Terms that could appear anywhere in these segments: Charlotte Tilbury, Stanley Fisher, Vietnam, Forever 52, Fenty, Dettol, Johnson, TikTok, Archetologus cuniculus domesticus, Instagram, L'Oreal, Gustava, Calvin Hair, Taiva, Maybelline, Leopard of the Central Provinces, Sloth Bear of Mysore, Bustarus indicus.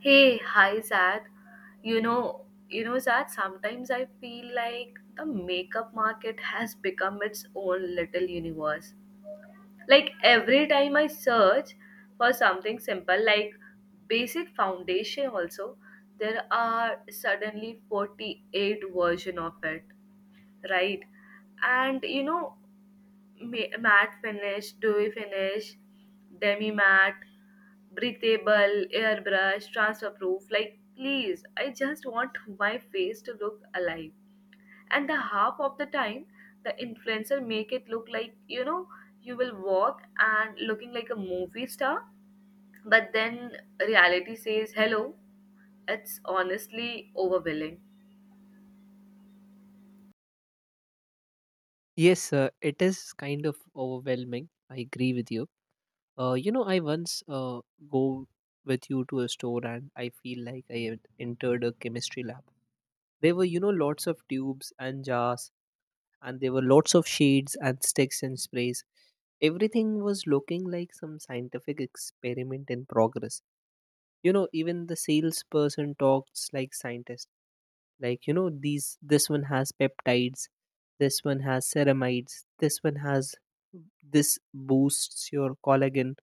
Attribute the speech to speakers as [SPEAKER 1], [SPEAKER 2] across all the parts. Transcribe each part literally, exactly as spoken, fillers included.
[SPEAKER 1] Hey, hi Zad. You know, you know Zad, sometimes I feel like the makeup market has become its own little universe. Like every time I search for something simple like basic foundation also, there are suddenly forty-eight version of it, right? And you know, Ma- matte finish, dewy finish, demi matte, breathable, airbrush, transfer proof. Like, please, I just want my face to look alive. And the half of the time, the influencer make it look like you know you will walk and looking like a movie star, but then reality says hello. It's honestly overwhelming.
[SPEAKER 2] Yes, uh, it is kind of overwhelming. I agree with you. Uh, you know, I once uh, go with you to a store and I feel like I had entered a chemistry lab. There were, you know, lots of tubes and jars, and there were lots of shades and sticks and sprays. Everything was looking like some scientific experiment in progress. You know even the salesperson talks like scientist. like you know these this one has peptides, this one has ceramides, this one has this, boosts your collagen.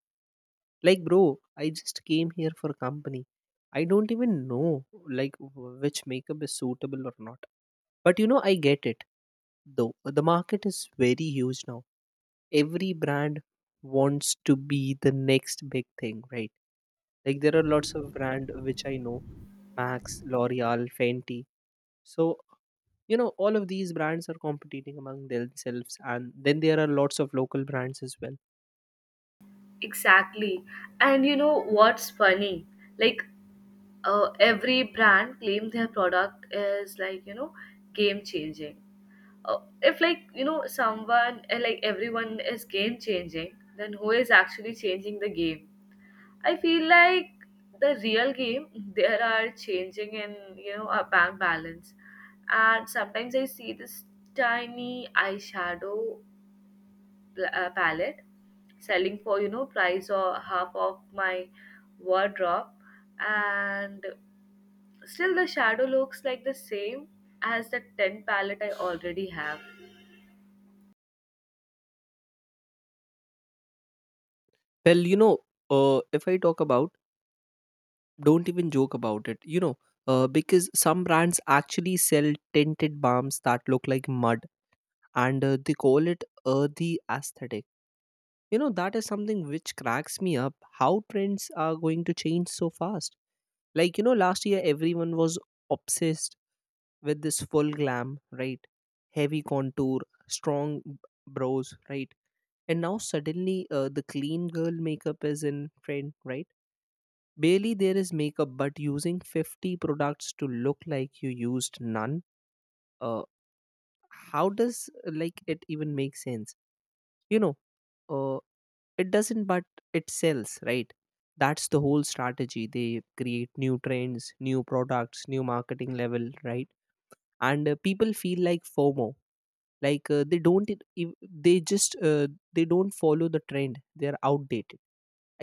[SPEAKER 2] Like, bro, I just came here for company. I don't even know like w- which makeup is suitable or not. But you know I get it, though. The market is very huge now. Every brand wants to be the next big thing, right? Like, there are lots of brand which I know: Max, L'Oreal, Fenty. So, you know, all of these brands are competing among themselves. And then there are lots of local brands as well.
[SPEAKER 1] Exactly. And you know what's funny? Like uh, every brand claim their product is like, you know, game changing. Uh, if like, you know, someone uh, like everyone is game changing, then who is actually changing the game? I feel like the real game there are changing in, you know, our bank balance. And sometimes I see this tiny eyeshadow pl- uh, palette selling for you know price or half of my wardrobe, and still the shadow looks like the same as the ten palette I already have.
[SPEAKER 2] Well, you know, uh, if I talk about, don't even joke about it, you know, uh, because some brands actually sell tinted balms that look like mud, and uh, they call it earthy aesthetic. You know, that is something which cracks me up how trends are going to change so fast. Like, you know, last year everyone was obsessed with this full glam, right? Heavy contour, strong b- brows, right? And now suddenly uh, the clean girl makeup is in trend, right? Barely there is makeup, but using fifty products to look like you used none. Uh, how does uh, like it even make sense? You know, uh, it doesn't, but it sells, right? That's the whole strategy. They create new trends, new products, new marketing level, right? And uh, people feel like FOMO. Like uh, they don't it- ev- they just uh, They don't follow the trend, they are outdated.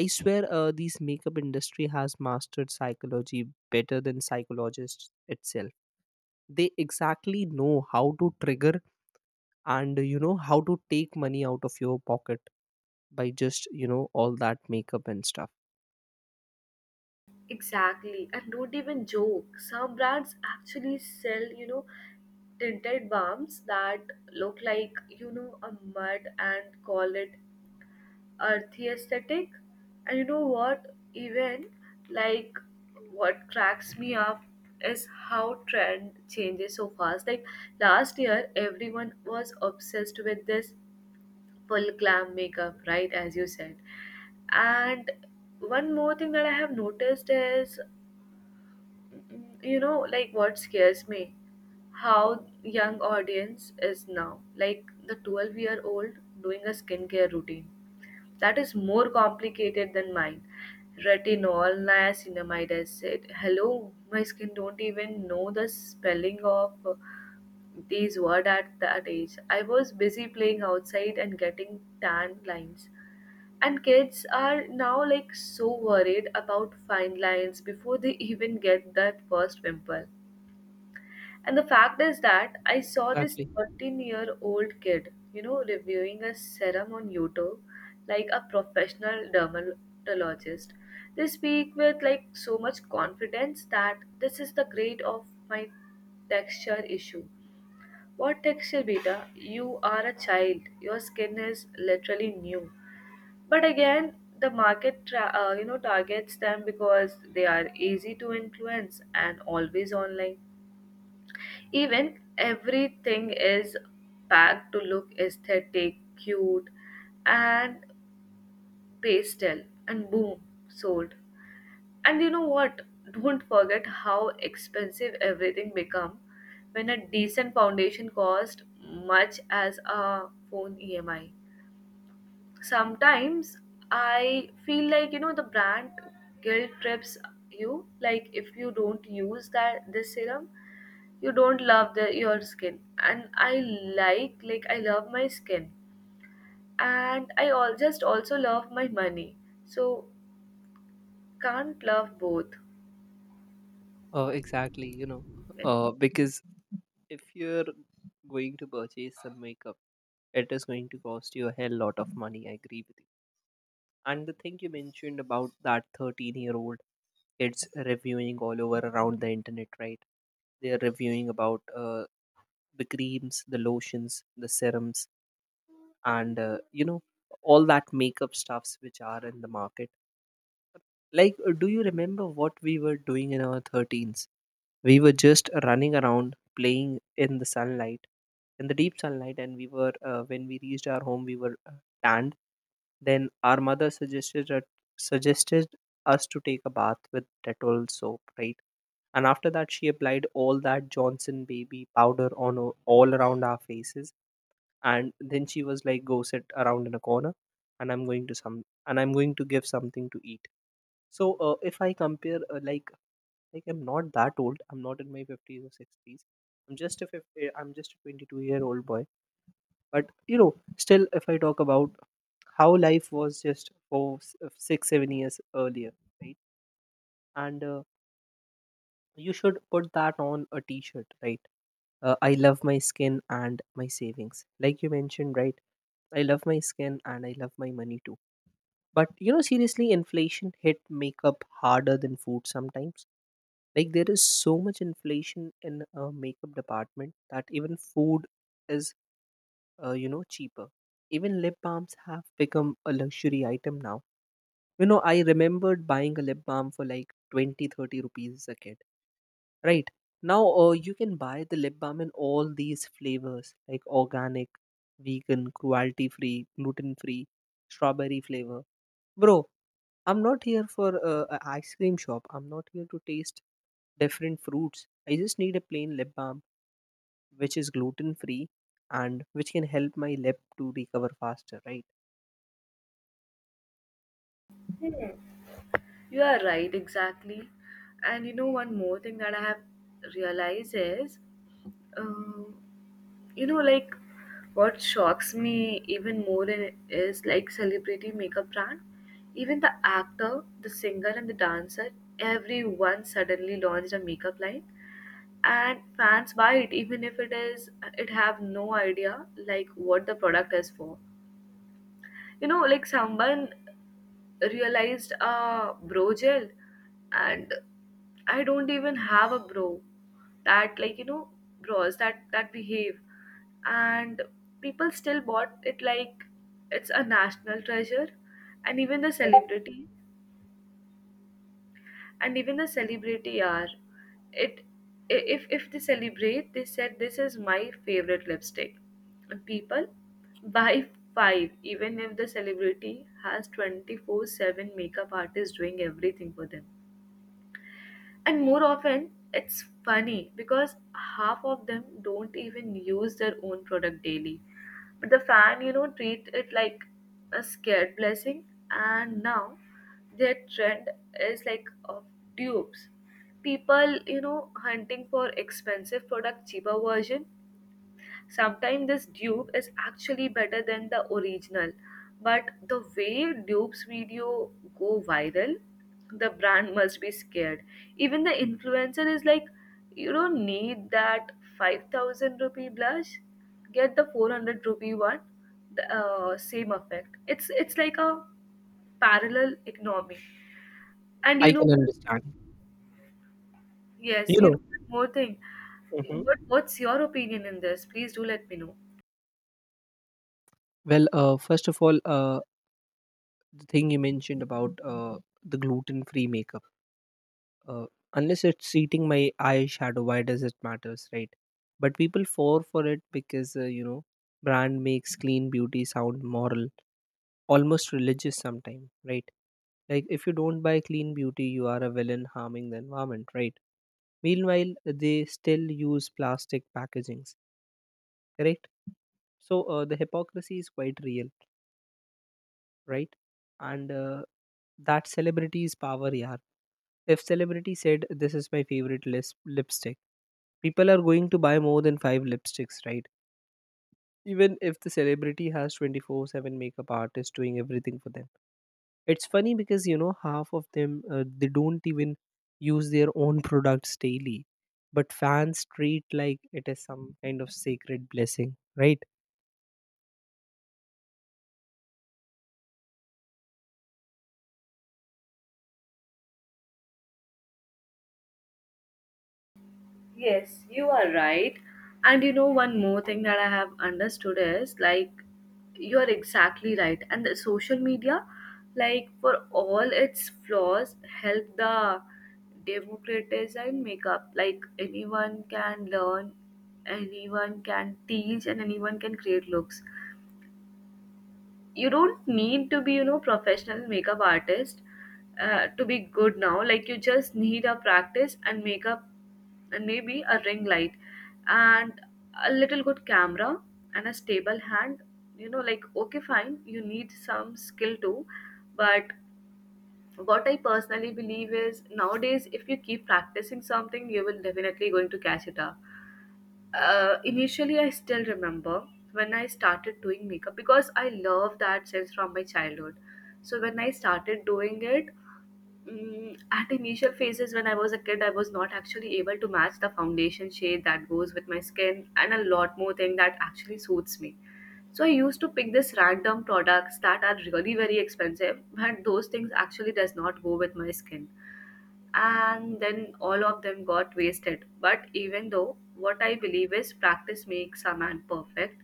[SPEAKER 2] I swear, uh, these makeup industry has mastered psychology better than psychologists itself. They exactly know how to trigger and you know how to take money out of your pocket by just you know all that makeup and stuff.
[SPEAKER 1] Exactly. And don't even joke, some brands actually sell you know tinted balms that look like you know a mud, and call it earthy aesthetic. And you know what? Even like what cracks me up is how trend changes so fast. Like last year, everyone was obsessed with this full glam makeup, right? As you said. And one more thing that I have noticed is, mm, you know, like what scares me how young audience is now, like the twelve year old doing a skincare routine that is more complicated than mine. Retinol, niacinamide, I said hello, my skin don't even know the spelling of uh, these word at that age. I was busy playing outside and getting tan lines. And kids are now like so worried about fine lines before they even get that first pimple. And the fact is that I saw this
[SPEAKER 2] Exactly.
[SPEAKER 1] thirteen year old kid, you know, reviewing a serum on YouTube like a professional dermatologist. They speak with like so much confidence that this is the grade of my texture issue. What texture, beta? You are a child. Your skin is literally new. But again, the market, tra- uh, you know, targets them because they are easy to influence and always online. Even everything is packed to look aesthetic, cute, and pastel, and boom, sold. And you know what? Don't forget how expensive everything become when a decent foundation cost much as a phone E M I. Sometimes I feel like you know the brand guilt trips you, like if you don't use that this serum you don't love the, your skin, and I like like I love my skin and I all just also love my money, so can't love both.
[SPEAKER 2] Uh, exactly. You know, uh, because if you're going to purchase some makeup, it is going to cost you a hell lot of money. I agree with you. And the thing you mentioned about that thirteen year old kids reviewing all over around the internet, right? They're reviewing about uh, the creams, the lotions, the serums, and uh, you know, all that makeup stuffs which are in the market. Like, uh, do you remember what we were doing in our thirteens? We were just running around playing in the sunlight, in the deep sunlight, and we were, uh, when we reached our home, we were uh, tanned. Then our mother suggested that, suggested us to take a bath with Dettol soap, right? And after that, she applied all that Johnson baby powder on o- all around our faces. And then she was like, "Go sit around in a corner, and I'm going to some, and I'm going to give something to eat." So, uh, if I compare uh, like like I'm not that old. I'm not in my fifties or sixties. I'm just a fifty, I'm just a twenty-two year old boy. But you know, still, if I talk about how life was just for s- uh, six, seven years earlier, right? And uh, you should put that on a T-shirt, right? Uh, I love my skin and my savings, like you mentioned, right? I love my skin and I love my money too. But you know, seriously, inflation hit makeup harder than food sometimes. Like there is so much inflation in a makeup department that even food is, uh, you know, cheaper. Even lip balms have become a luxury item now. You know, I remembered buying a lip balm for like twenty, thirty rupees as a kid. Right. Now uh, you can buy the lip balm in all these flavors like organic, vegan, cruelty free, gluten free, strawberry flavor. Bro, I'm not here for uh, a ice cream shop. I'm not here to taste different fruits. I just need a plain lip balm which is gluten free and which can help my lip to recover faster, right?
[SPEAKER 1] Hmm. You are right, exactly. And you know one more thing that I have realized is, um, you know, like what shocks me even more in, is like celebrity makeup brand. Even the actor, the singer, and the dancer, everyone suddenly launched a makeup line, and fans buy it even if it is, it have no idea like what the product is for. You know, like someone realized a bro gel, and I don't even have a bro, that like you know, bros that that behave. And people still bought it like it's a national treasure. And even the celebrity and even the celebrity are it, i- if if they celebrate they said this is my favorite lipstick, and people buy five even if the celebrity has twenty-four seven makeup artist doing everything for them. And more often it's funny because half of them don't even use their own product daily, but the fan you know treat it like a scared blessing. And now their trend is like of tubes, people you know hunting for expensive product cheaper version. Sometimes this dupe is actually better than the original, but the way dupes video go viral, the brand must be scared. Even the influencer is like, you don't need that five thousand rupee blush, get the four hundred rupee one, the uh, same effect. It's it's like a parallel economy. And you
[SPEAKER 2] I
[SPEAKER 1] know,
[SPEAKER 2] can understand.
[SPEAKER 1] yes,
[SPEAKER 2] You
[SPEAKER 1] you
[SPEAKER 2] know,
[SPEAKER 1] know one more thing.
[SPEAKER 2] hmm.
[SPEAKER 1] What what's your opinion in this? Please do let me know.
[SPEAKER 2] Well, uh, first of all, uh, the thing you mentioned about uh, the gluten-free makeup, uh, unless it's eating my eyeshadow, why does it matters, right? But people fall for it because uh, you know, brand makes clean beauty sound moral, almost religious sometime, right? Like, if you don't buy clean beauty you are a villain harming the environment, right? Meanwhile they still use plastic packagings. Correct. So uh, the hypocrisy is quite real, right? And uh, that celebrity's power, yeah. If celebrity said this is my favorite lis- lipstick, people are going to buy more than five lipsticks, right? Even if the celebrity has twenty-four seven makeup artist doing everything for them. It's funny because you know half of them uh, they don't even use their own products daily, but fans treat like it is some kind of sacred blessing, right?
[SPEAKER 1] Yes, you are right. And you know, one more thing that I have understood is like, you are exactly right. And the social media, like, for all its flaws, help the democratize and make up. Like, anyone can learn, anyone can teach, and anyone can create looks. You don't need to be you know professional makeup artist uh, to be good now. Like you just need a practice and makeup, and maybe a ring light, and a little good camera, and a stable hand. You know, like okay, fine, you need some skill too. But what I personally believe is nowadays if you keep practicing something you will definitely going to catch it up. Uh, initially I still remember when I started doing makeup because I love that sense from my childhood, so when I started doing it, mm at initial phases when I was a kid I was not actually able to match the foundation shade that goes with my skin and a lot more thing that actually suits me. So I used to pick this random products that are really very expensive but those things actually does not go with my skin, and then all of them got wasted. But even though what I believe is practice makes a man perfect,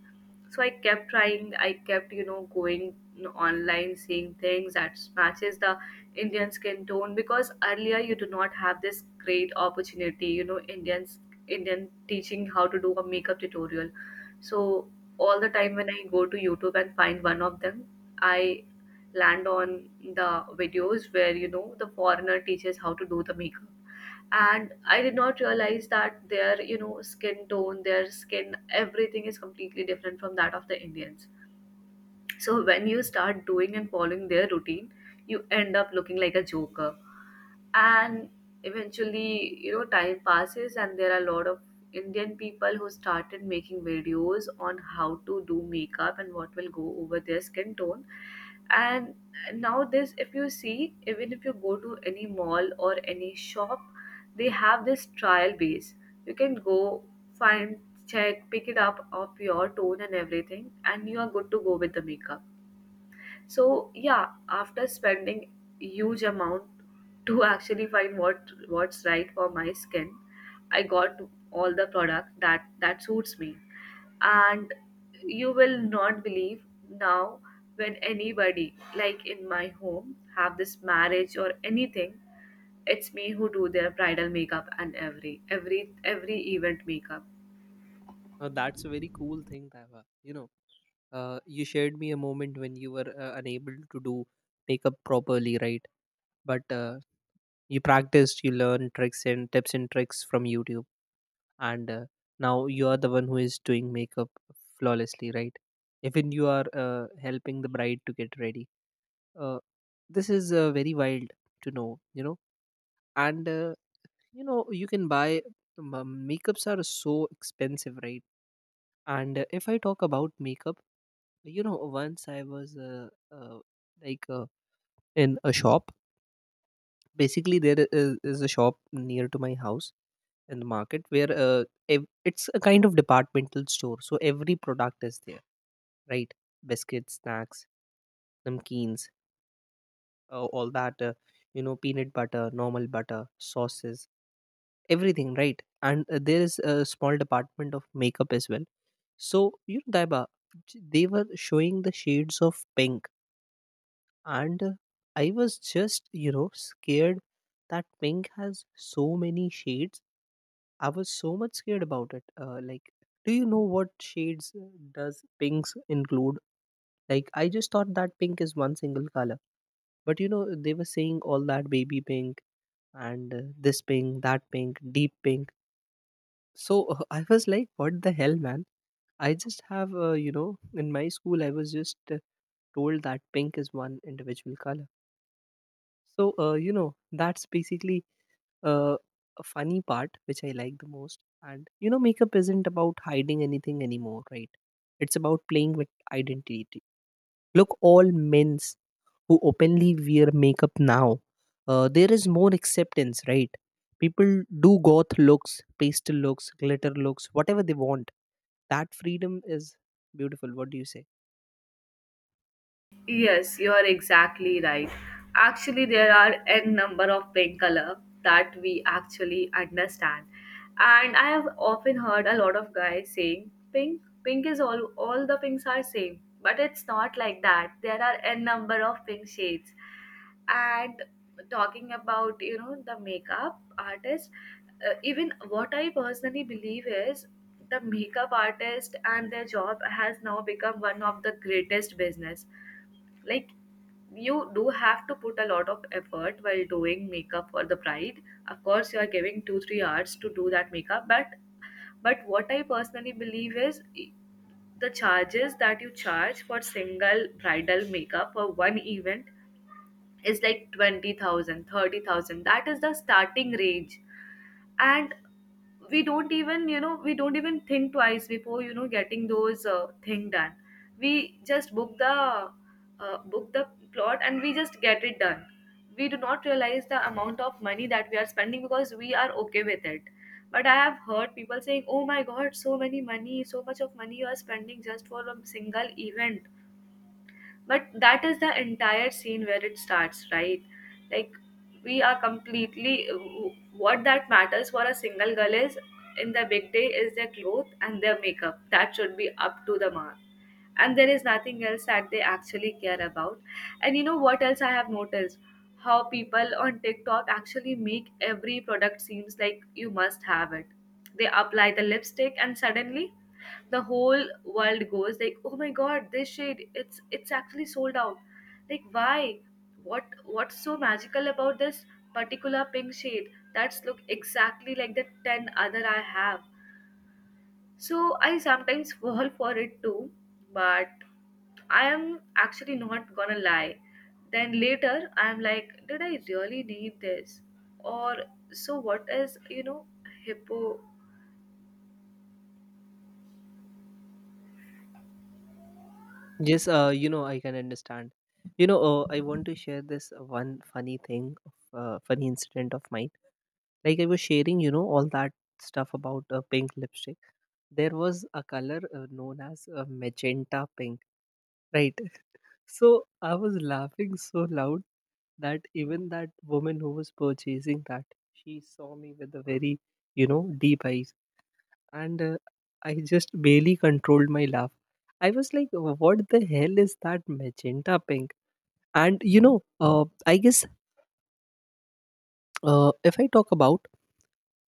[SPEAKER 1] so I kept trying. I kept you know going online, seeing things that matches the Indian skin tone because earlier you do not have this great opportunity. You know, Indians Indian teaching how to do a makeup tutorial. So all the time when I go to YouTube and find one of them, I land on the videos where you know the foreigner teaches how to do the makeup, and I did not realize that their you know skin tone, their skin, everything is completely different from that of the Indians. So when you start doing and following their routine you end up looking like a joker. And eventually you know time passes and there are a lot of Indian people who started making videos on how to do makeup and what will go over their skin tone. And now this, if you see, even if you go to any mall or any shop, they have this trial base. You can go, find, check, pick it up of your tone and everything, and you are good to go with the makeup. So yeah, after spending huge amount to actually find what what's right for my skin, I got all the product that that suits me. And you will not believe, now when anybody like in my home have this marriage or anything, it's me who do their bridal makeup and every every every event makeup.
[SPEAKER 2] Uh, that's a very cool thing, Taiva. You know, uh, you shared me a moment when you were uh, unable to do makeup properly, right? But uh, you practiced, you learned tricks and tips and tricks from YouTube, and uh, now you are the one who is doing makeup flawlessly, right? Even you are uh, helping the bride to get ready. uh, this is uh, very wild to know, you know. And uh, you know you can buy um, makeups are so expensive, right? And uh, if I talk about makeup, you know, once I was uh, uh, like uh, in a shop. Basically there is, is a shop near to my house in the market, where uh, ev- it's a kind of departmental store, so every product is there, right? Biscuits, snacks, namkeens, uh, all that, uh, you know peanut butter, normal butter, sauces, everything, right? And uh, there is a small department of makeup as well. So, you know, Daiba, j- they were showing the shades of pink, and uh, I was just, you know, scared that pink has so many shades. I was so much scared about it, uh, like do you know what shades uh, does pinks include? Like, I just thought that pink is one single color. But you know they were saying all that baby pink, and uh, this pink, that pink, deep pink. So I was like, what the hell, man? I just have, uh, you know, in my school, I was just uh, told that pink is one individual color. So, uh, you know, that's basically uh, a funny part, which I like the most. And, you know, makeup isn't about hiding anything anymore, right? It's about playing with identity. Look, all men's who openly wear makeup now, uh, there is more acceptance, right? People do goth looks, pastel looks, glitter looks, whatever they want. That freedom is beautiful. What do you say?
[SPEAKER 1] Yes, you are exactly right. Actually, there are n number of paint color that we actually understand, and I have often heard a lot of guys saying pink, pink is all all the pinks are same, but it's not like that. There are n number of pink shades, and talking about you know the makeup artist, uh, even what I personally believe is the makeup artist and their job has now become one of the greatest business. Like you do have to put a lot of effort while doing makeup for the bride. Of course, you are giving two three hours to do that makeup, but but what I personally believe is e- the charges that you charge for single bridal makeup for one event is like twenty thousand thirty thousand. That is the starting range. And we don't even, you know we don't even think twice before you know getting those uh, thing done. We just book the uh, book the plot and we just get it done. We do not realize the amount of money that we are spending because we are okay with it. But I have heard people saying, oh my god, so many money, so much of money you are spending just for a single event. But that is the entire scene where it starts, right? Like, we are completely, what that matters for a single girl is, in the big day, is their clothes and their makeup that should be up to the mark. And there is nothing else that they actually care about. And you know what else I have noticed, how people on TikTok actually make every product seems like you must have it. They apply the lipstick and suddenly the whole world goes like, oh my god, this shade, it's it's actually sold out. Like, why? What what's so magical about this particular pink shade that's look exactly like the ten other I have. So I sometimes fall for it too. But I am actually not gonna lie. Then later, I'm like, did I really need this? Or so what is, you know, hippo?
[SPEAKER 2] Yes, uh, you know I can understand. You know, uh, I want to share this one funny thing, uh, funny incident of mine. Like, I was sharing, you know, all that stuff about uh, pink lipstick. There was a color uh, known as uh, magenta pink, right? So I was laughing so loud that even that woman who was purchasing that, she saw me with a very, you know, deep eyes. And uh, I just barely controlled my laugh. I was like, what the hell is that magenta pink? And you know, uh, I guess, uh, if I talk about,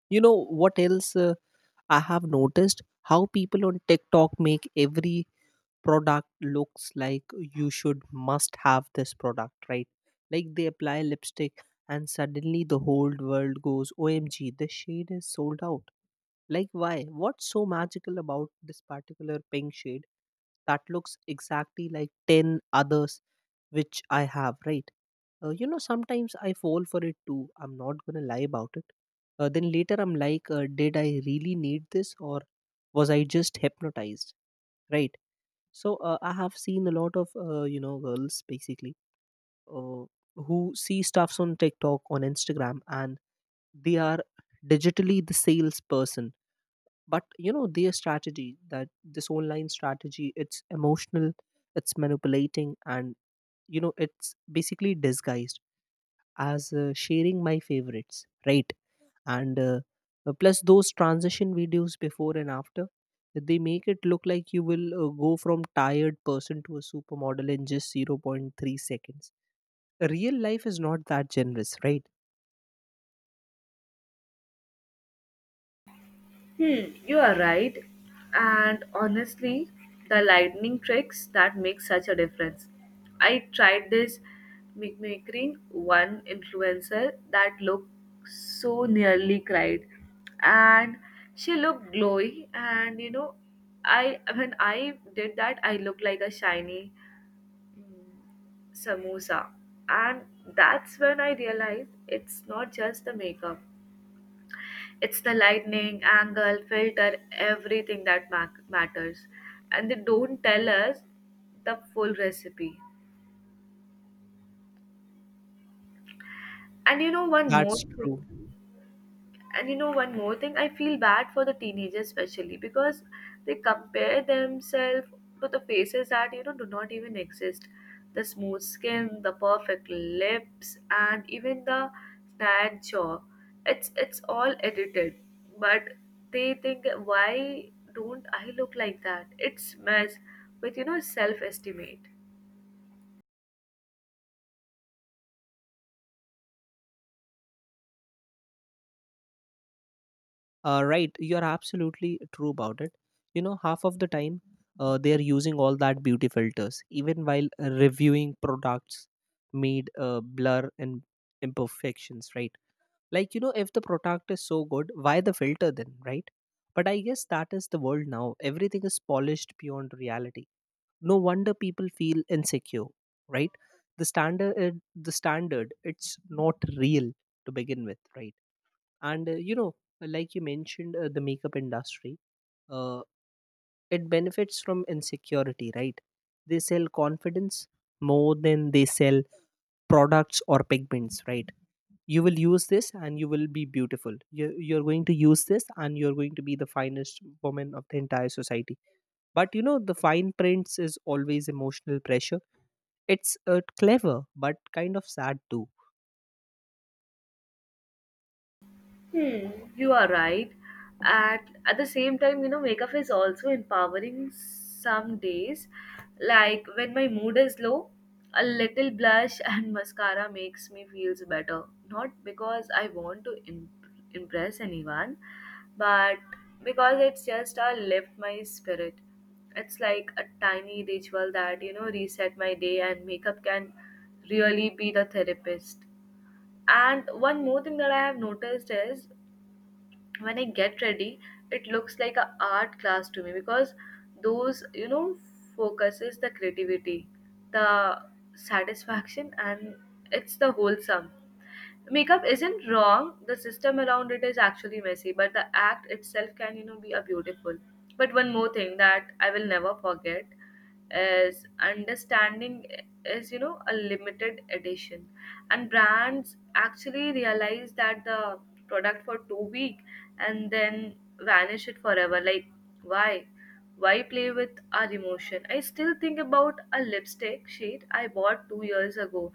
[SPEAKER 2] you know, what else uh, I have noticed how people on TikTok make every product looks like you should must have this product, right? Like, they apply lipstick and suddenly the whole world goes OMG the shade is sold out. Like, why? What's so magical about this particular pink shade that looks exactly like ten others which I have, right? Uh, you know, sometimes I fall for it too, I'm not gonna lie about it. Uh, then later I'm like, uh, did I really need this, or was I just hypnotized, right? So uh, I have seen a lot of uh, you know girls basically, uh, who see stuffs on TikTok on Instagram and they are digitally the salesperson. But you know their strategy, that this online strategy, it's emotional, it's manipulating, and you know it's basically disguised as uh, sharing my favorites, right? And uh, uh, plus those transition videos, before and after, they make it look like you will uh, go from tired person to a supermodel in just zero point zero point three seconds. Real life is not that generous, right?
[SPEAKER 1] Hmm, you are right. And honestly, the lightning tricks that make such a difference. I tried this mimicking one influencer that looked so, nearly cried, and she looked glowy. And you know, I when I did that, I looked like a shiny samosa. And that's when I realized it's not just the makeup, it's the lightning, angle, filter, everything that ma- matters. And they don't tell us the full recipe. And you know, one more
[SPEAKER 2] That's true.
[SPEAKER 1] thing. And you know, one more thing, I feel bad for the teenagers, especially because they compare themselves to the faces that, you know, do not even exist. The smooth skin, the perfect lips, and even the snag jaw, it's it's all edited. But they think, why don't I look like that? It's mess with, you know, self-estimate.
[SPEAKER 2] Uh, right, you're absolutely true about it. You know, half of the time, uh, they are using all that beauty filters even while reviewing products, made uh, blur and imperfections, right? Like, you know, if the product is so good, why the filter then, right? But I guess that is the world now. Everything is polished beyond reality. No wonder people feel insecure, right? The standard uh, the standard, it's not real to begin with, right? And uh, you know like you mentioned, uh, the makeup industry, uh, it benefits from insecurity, right? They sell confidence more than they sell products or pigments, right? You will use this and you will be beautiful. You, you're going to use this and you're going to be the finest woman of the entire society. But you know, the fine prints is always emotional pressure. It's uh, clever but kind of sad too.
[SPEAKER 1] Hmm, you are right. And at the same time, you know, makeup is also empowering some days. Like when my mood is low, a little blush and mascara makes me feels better. Not because I want to imp- impress anyone, but because it's just, I lift my spirit. It's like a tiny ritual that, you know, reset my day, and makeup can really be the therapist. And one more thing that I have noticed is, when I get ready, it looks like a art class to me, because those, you know, focuses the creativity, the satisfaction, and it's the wholesome. Makeup isn't wrong, the system around it is actually messy, but the act itself can, you know, be a beautiful. But one more thing that I will never forget is understanding is, you know, a limited edition. And brands actually realize that the product for too weak and then vanish it forever. Like, why? Why play with our emotion? I still think about a lipstick shade I bought two years ago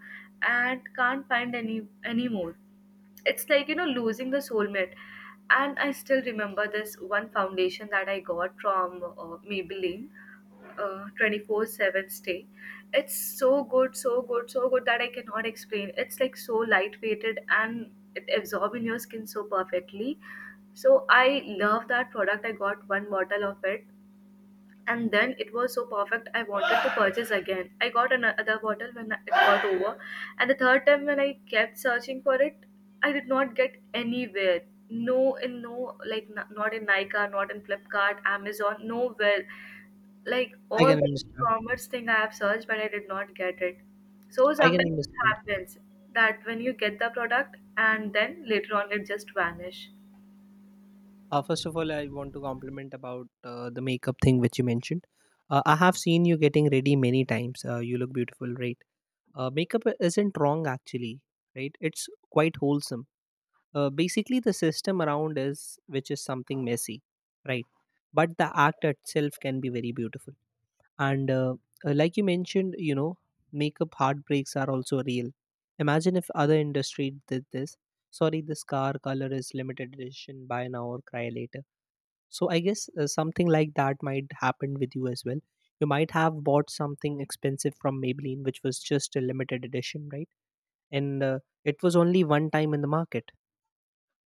[SPEAKER 1] and can't find any anymore. It's like, you know, losing the soulmate. And I still remember this one foundation that I got from uh, Maybelline, uh, twenty-four seven stay. It's so good, so good, so good that I cannot explain. It's like so lightweighted and it absorbs in your skin so perfectly. So I love that product. I got one bottle of it, and then it was so perfect I wanted to purchase again. I got another bottle when it got over. And the third time when I kept searching for it, I did not get anywhere. No, in no, like, n- not in Nika, not in Flipkart, Amazon, nowhere. Like
[SPEAKER 2] I
[SPEAKER 1] all
[SPEAKER 2] can
[SPEAKER 1] the e
[SPEAKER 2] understand.
[SPEAKER 1] commerce thing I have searched, but I did not get it. So
[SPEAKER 2] I can
[SPEAKER 1] sometimes it
[SPEAKER 2] understand.
[SPEAKER 1] happens that when you get the product and then later on it just vanish.
[SPEAKER 2] Uh, first of all, I want to compliment about uh, the makeup thing which you mentioned. uh, I have seen you getting ready many times. Uh, you look beautiful, right? Uh, makeup isn't wrong actually, right? It's quite wholesome. Uh, basically, the system around is which is something messy, right? But the act itself can be very beautiful. And uh, uh, like you mentioned, you know, makeup heartbreaks are also real. Imagine if other industry did this. Sorry, this car color is limited edition, buy now or cry later. So I guess uh, something like that might happen with you as well. You might have bought something expensive from Maybelline, which was just a limited edition, right? And uh, it was only one time in the market.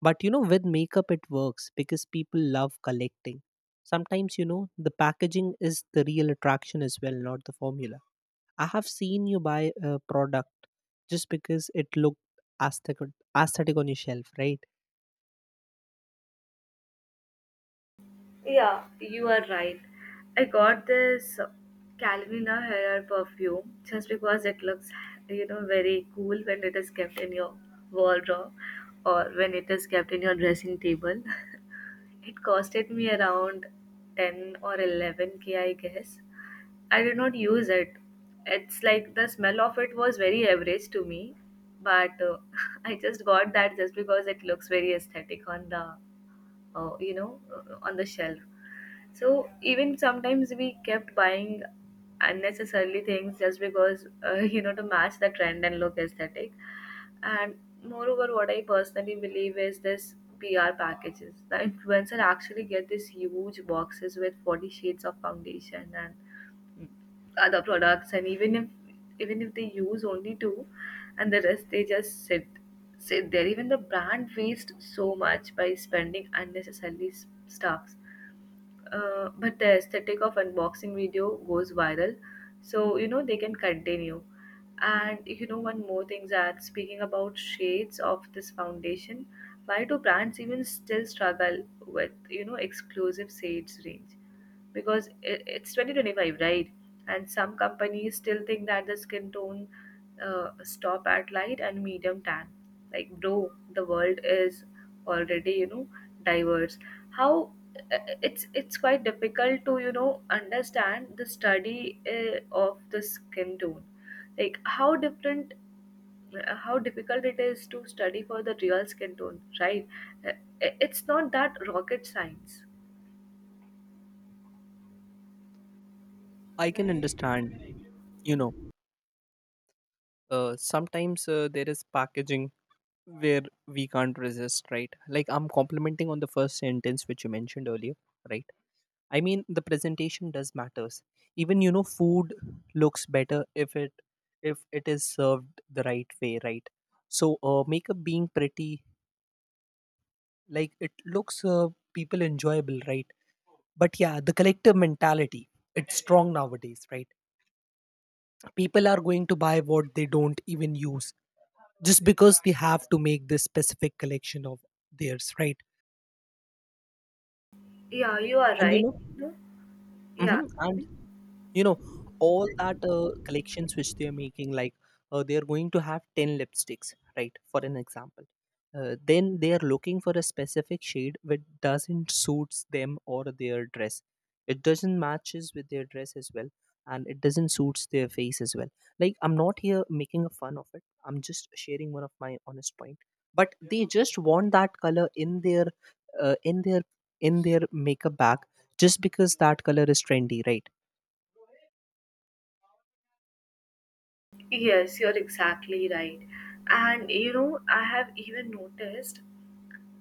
[SPEAKER 2] But you know, with makeup, it works because people love collecting. Sometimes, you know, the packaging is the real attraction as well, not the formula. I have seen you buy a product just because it looked aesthetic, aesthetic on your shelf, right?
[SPEAKER 1] Yeah, you are right. I got this Calvin Hair perfume just because it looks, you know, very cool when it is kept in your wardrobe or when it is kept in your dressing table. It costed me around ten or eleven k, I guess. I did not use it. It's like the smell of it was very average to me, but uh, I just got that just because it looks very aesthetic on the, uh, you know, uh, on the shelf. So even sometimes we kept buying unnecessarily things just because uh, you know, to match the trend and look aesthetic. And moreover, what I personally believe is this P R packages. The influencer actually get these huge boxes with forty shades of foundation and other products, and even if, even if they use only two, and the rest they just sit sit there. Even the brand wastes so much by spending unnecessarily s- stuffs. Uh, but the aesthetic of unboxing video goes viral, so you know they can continue. And you know, one more thing that, speaking about shades of this foundation, why do brands even still struggle with, you know, exclusive shades range? Because it, it's twenty twenty-five, right? And some companies still think that the skin tone, uh, stop at light and medium tan. Like, bro, the world is already, you know, diverse. How, uh, it's it's quite difficult to, you know, understand the study uh, of the skin tone. Like how different, uh, how difficult it is to study for the real skin tone, right? Uh, it- it's not that rocket science.
[SPEAKER 2] I can understand, you know, uh, sometimes uh, there is packaging where we can't resist, right? Like, I'm complimenting on the first sentence which you mentioned earlier, right? I mean, the presentation does matters. Even, you know, food looks better if it if it is served the right way, right? So uh, makeup being pretty, like it looks uh, people enjoyable, right? But yeah, the collective mentality, it's strong nowadays, right? People are going to buy what they don't even use just because they have to make this specific collection of theirs, right?
[SPEAKER 1] Yeah, you are
[SPEAKER 2] And you
[SPEAKER 1] right.
[SPEAKER 2] know,
[SPEAKER 1] Yeah,
[SPEAKER 2] mhm, and you know, all that uh, collections which they are making, like, uh, they are going to have ten lipsticks, right, for an example. Uh, then they are looking for a specific shade which doesn't suits them or their dress. It doesn't matches with their dress as well, and it doesn't suits their face as well. Like, I'm not here making a fun of it, I'm just sharing one of my honest point. But they just want that color in their uh, in their in their makeup bag just because that color is trendy, right?
[SPEAKER 1] yes, you're exactly right. And you know, I have even noticed,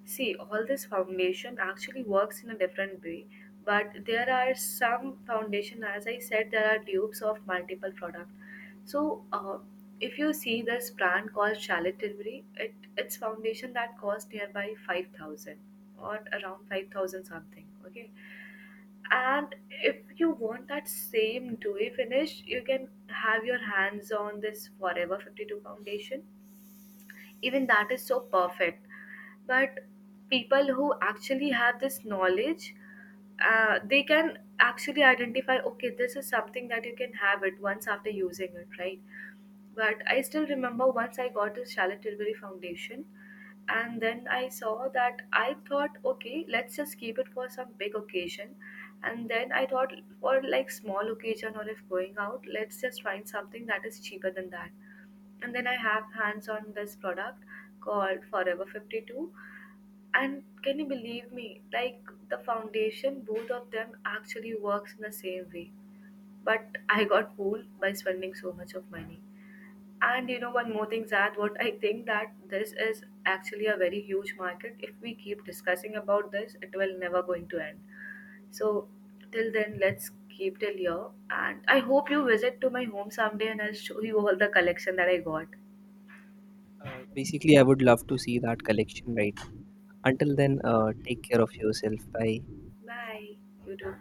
[SPEAKER 1] see, all this foundation actually works in a different way, but there are some foundation, as I said, there are dupes of multiple product. So, uh, if you see this brand called Charlotte Tilbury, it its foundation that cost nearby five thousand or around five thousand something. Okay. And if you want that same dewy finish, you can have your hands on this Forever fifty-two foundation. Even that is so perfect. But people who actually have this knowledge, uh, they can actually identify, okay, this is something that you can have it once after using it, right? But I still remember once I got this Charlotte Tilbury foundation, and then I saw that, I thought, okay, let's just keep it for some big occasion. And then I thought, for like small occasion or if going out, let's just find something that is cheaper than that. And then I have hands on this product called Forever fifty-two. And can you believe me, like, the foundation, both of them actually works in the same way, but I got fooled by spending so much of money. And you know, one more thing, Zad, what I think, that this is actually a very huge market. If we keep discussing about this, it will never going to end. So till then, let's keep till here. And I hope you visit to my home someday and I'll show you all the collection that I got.
[SPEAKER 2] Uh, basically, I would love to see that collection, right? Until then, uh, take care of yourself. Bye.
[SPEAKER 1] Bye. You too.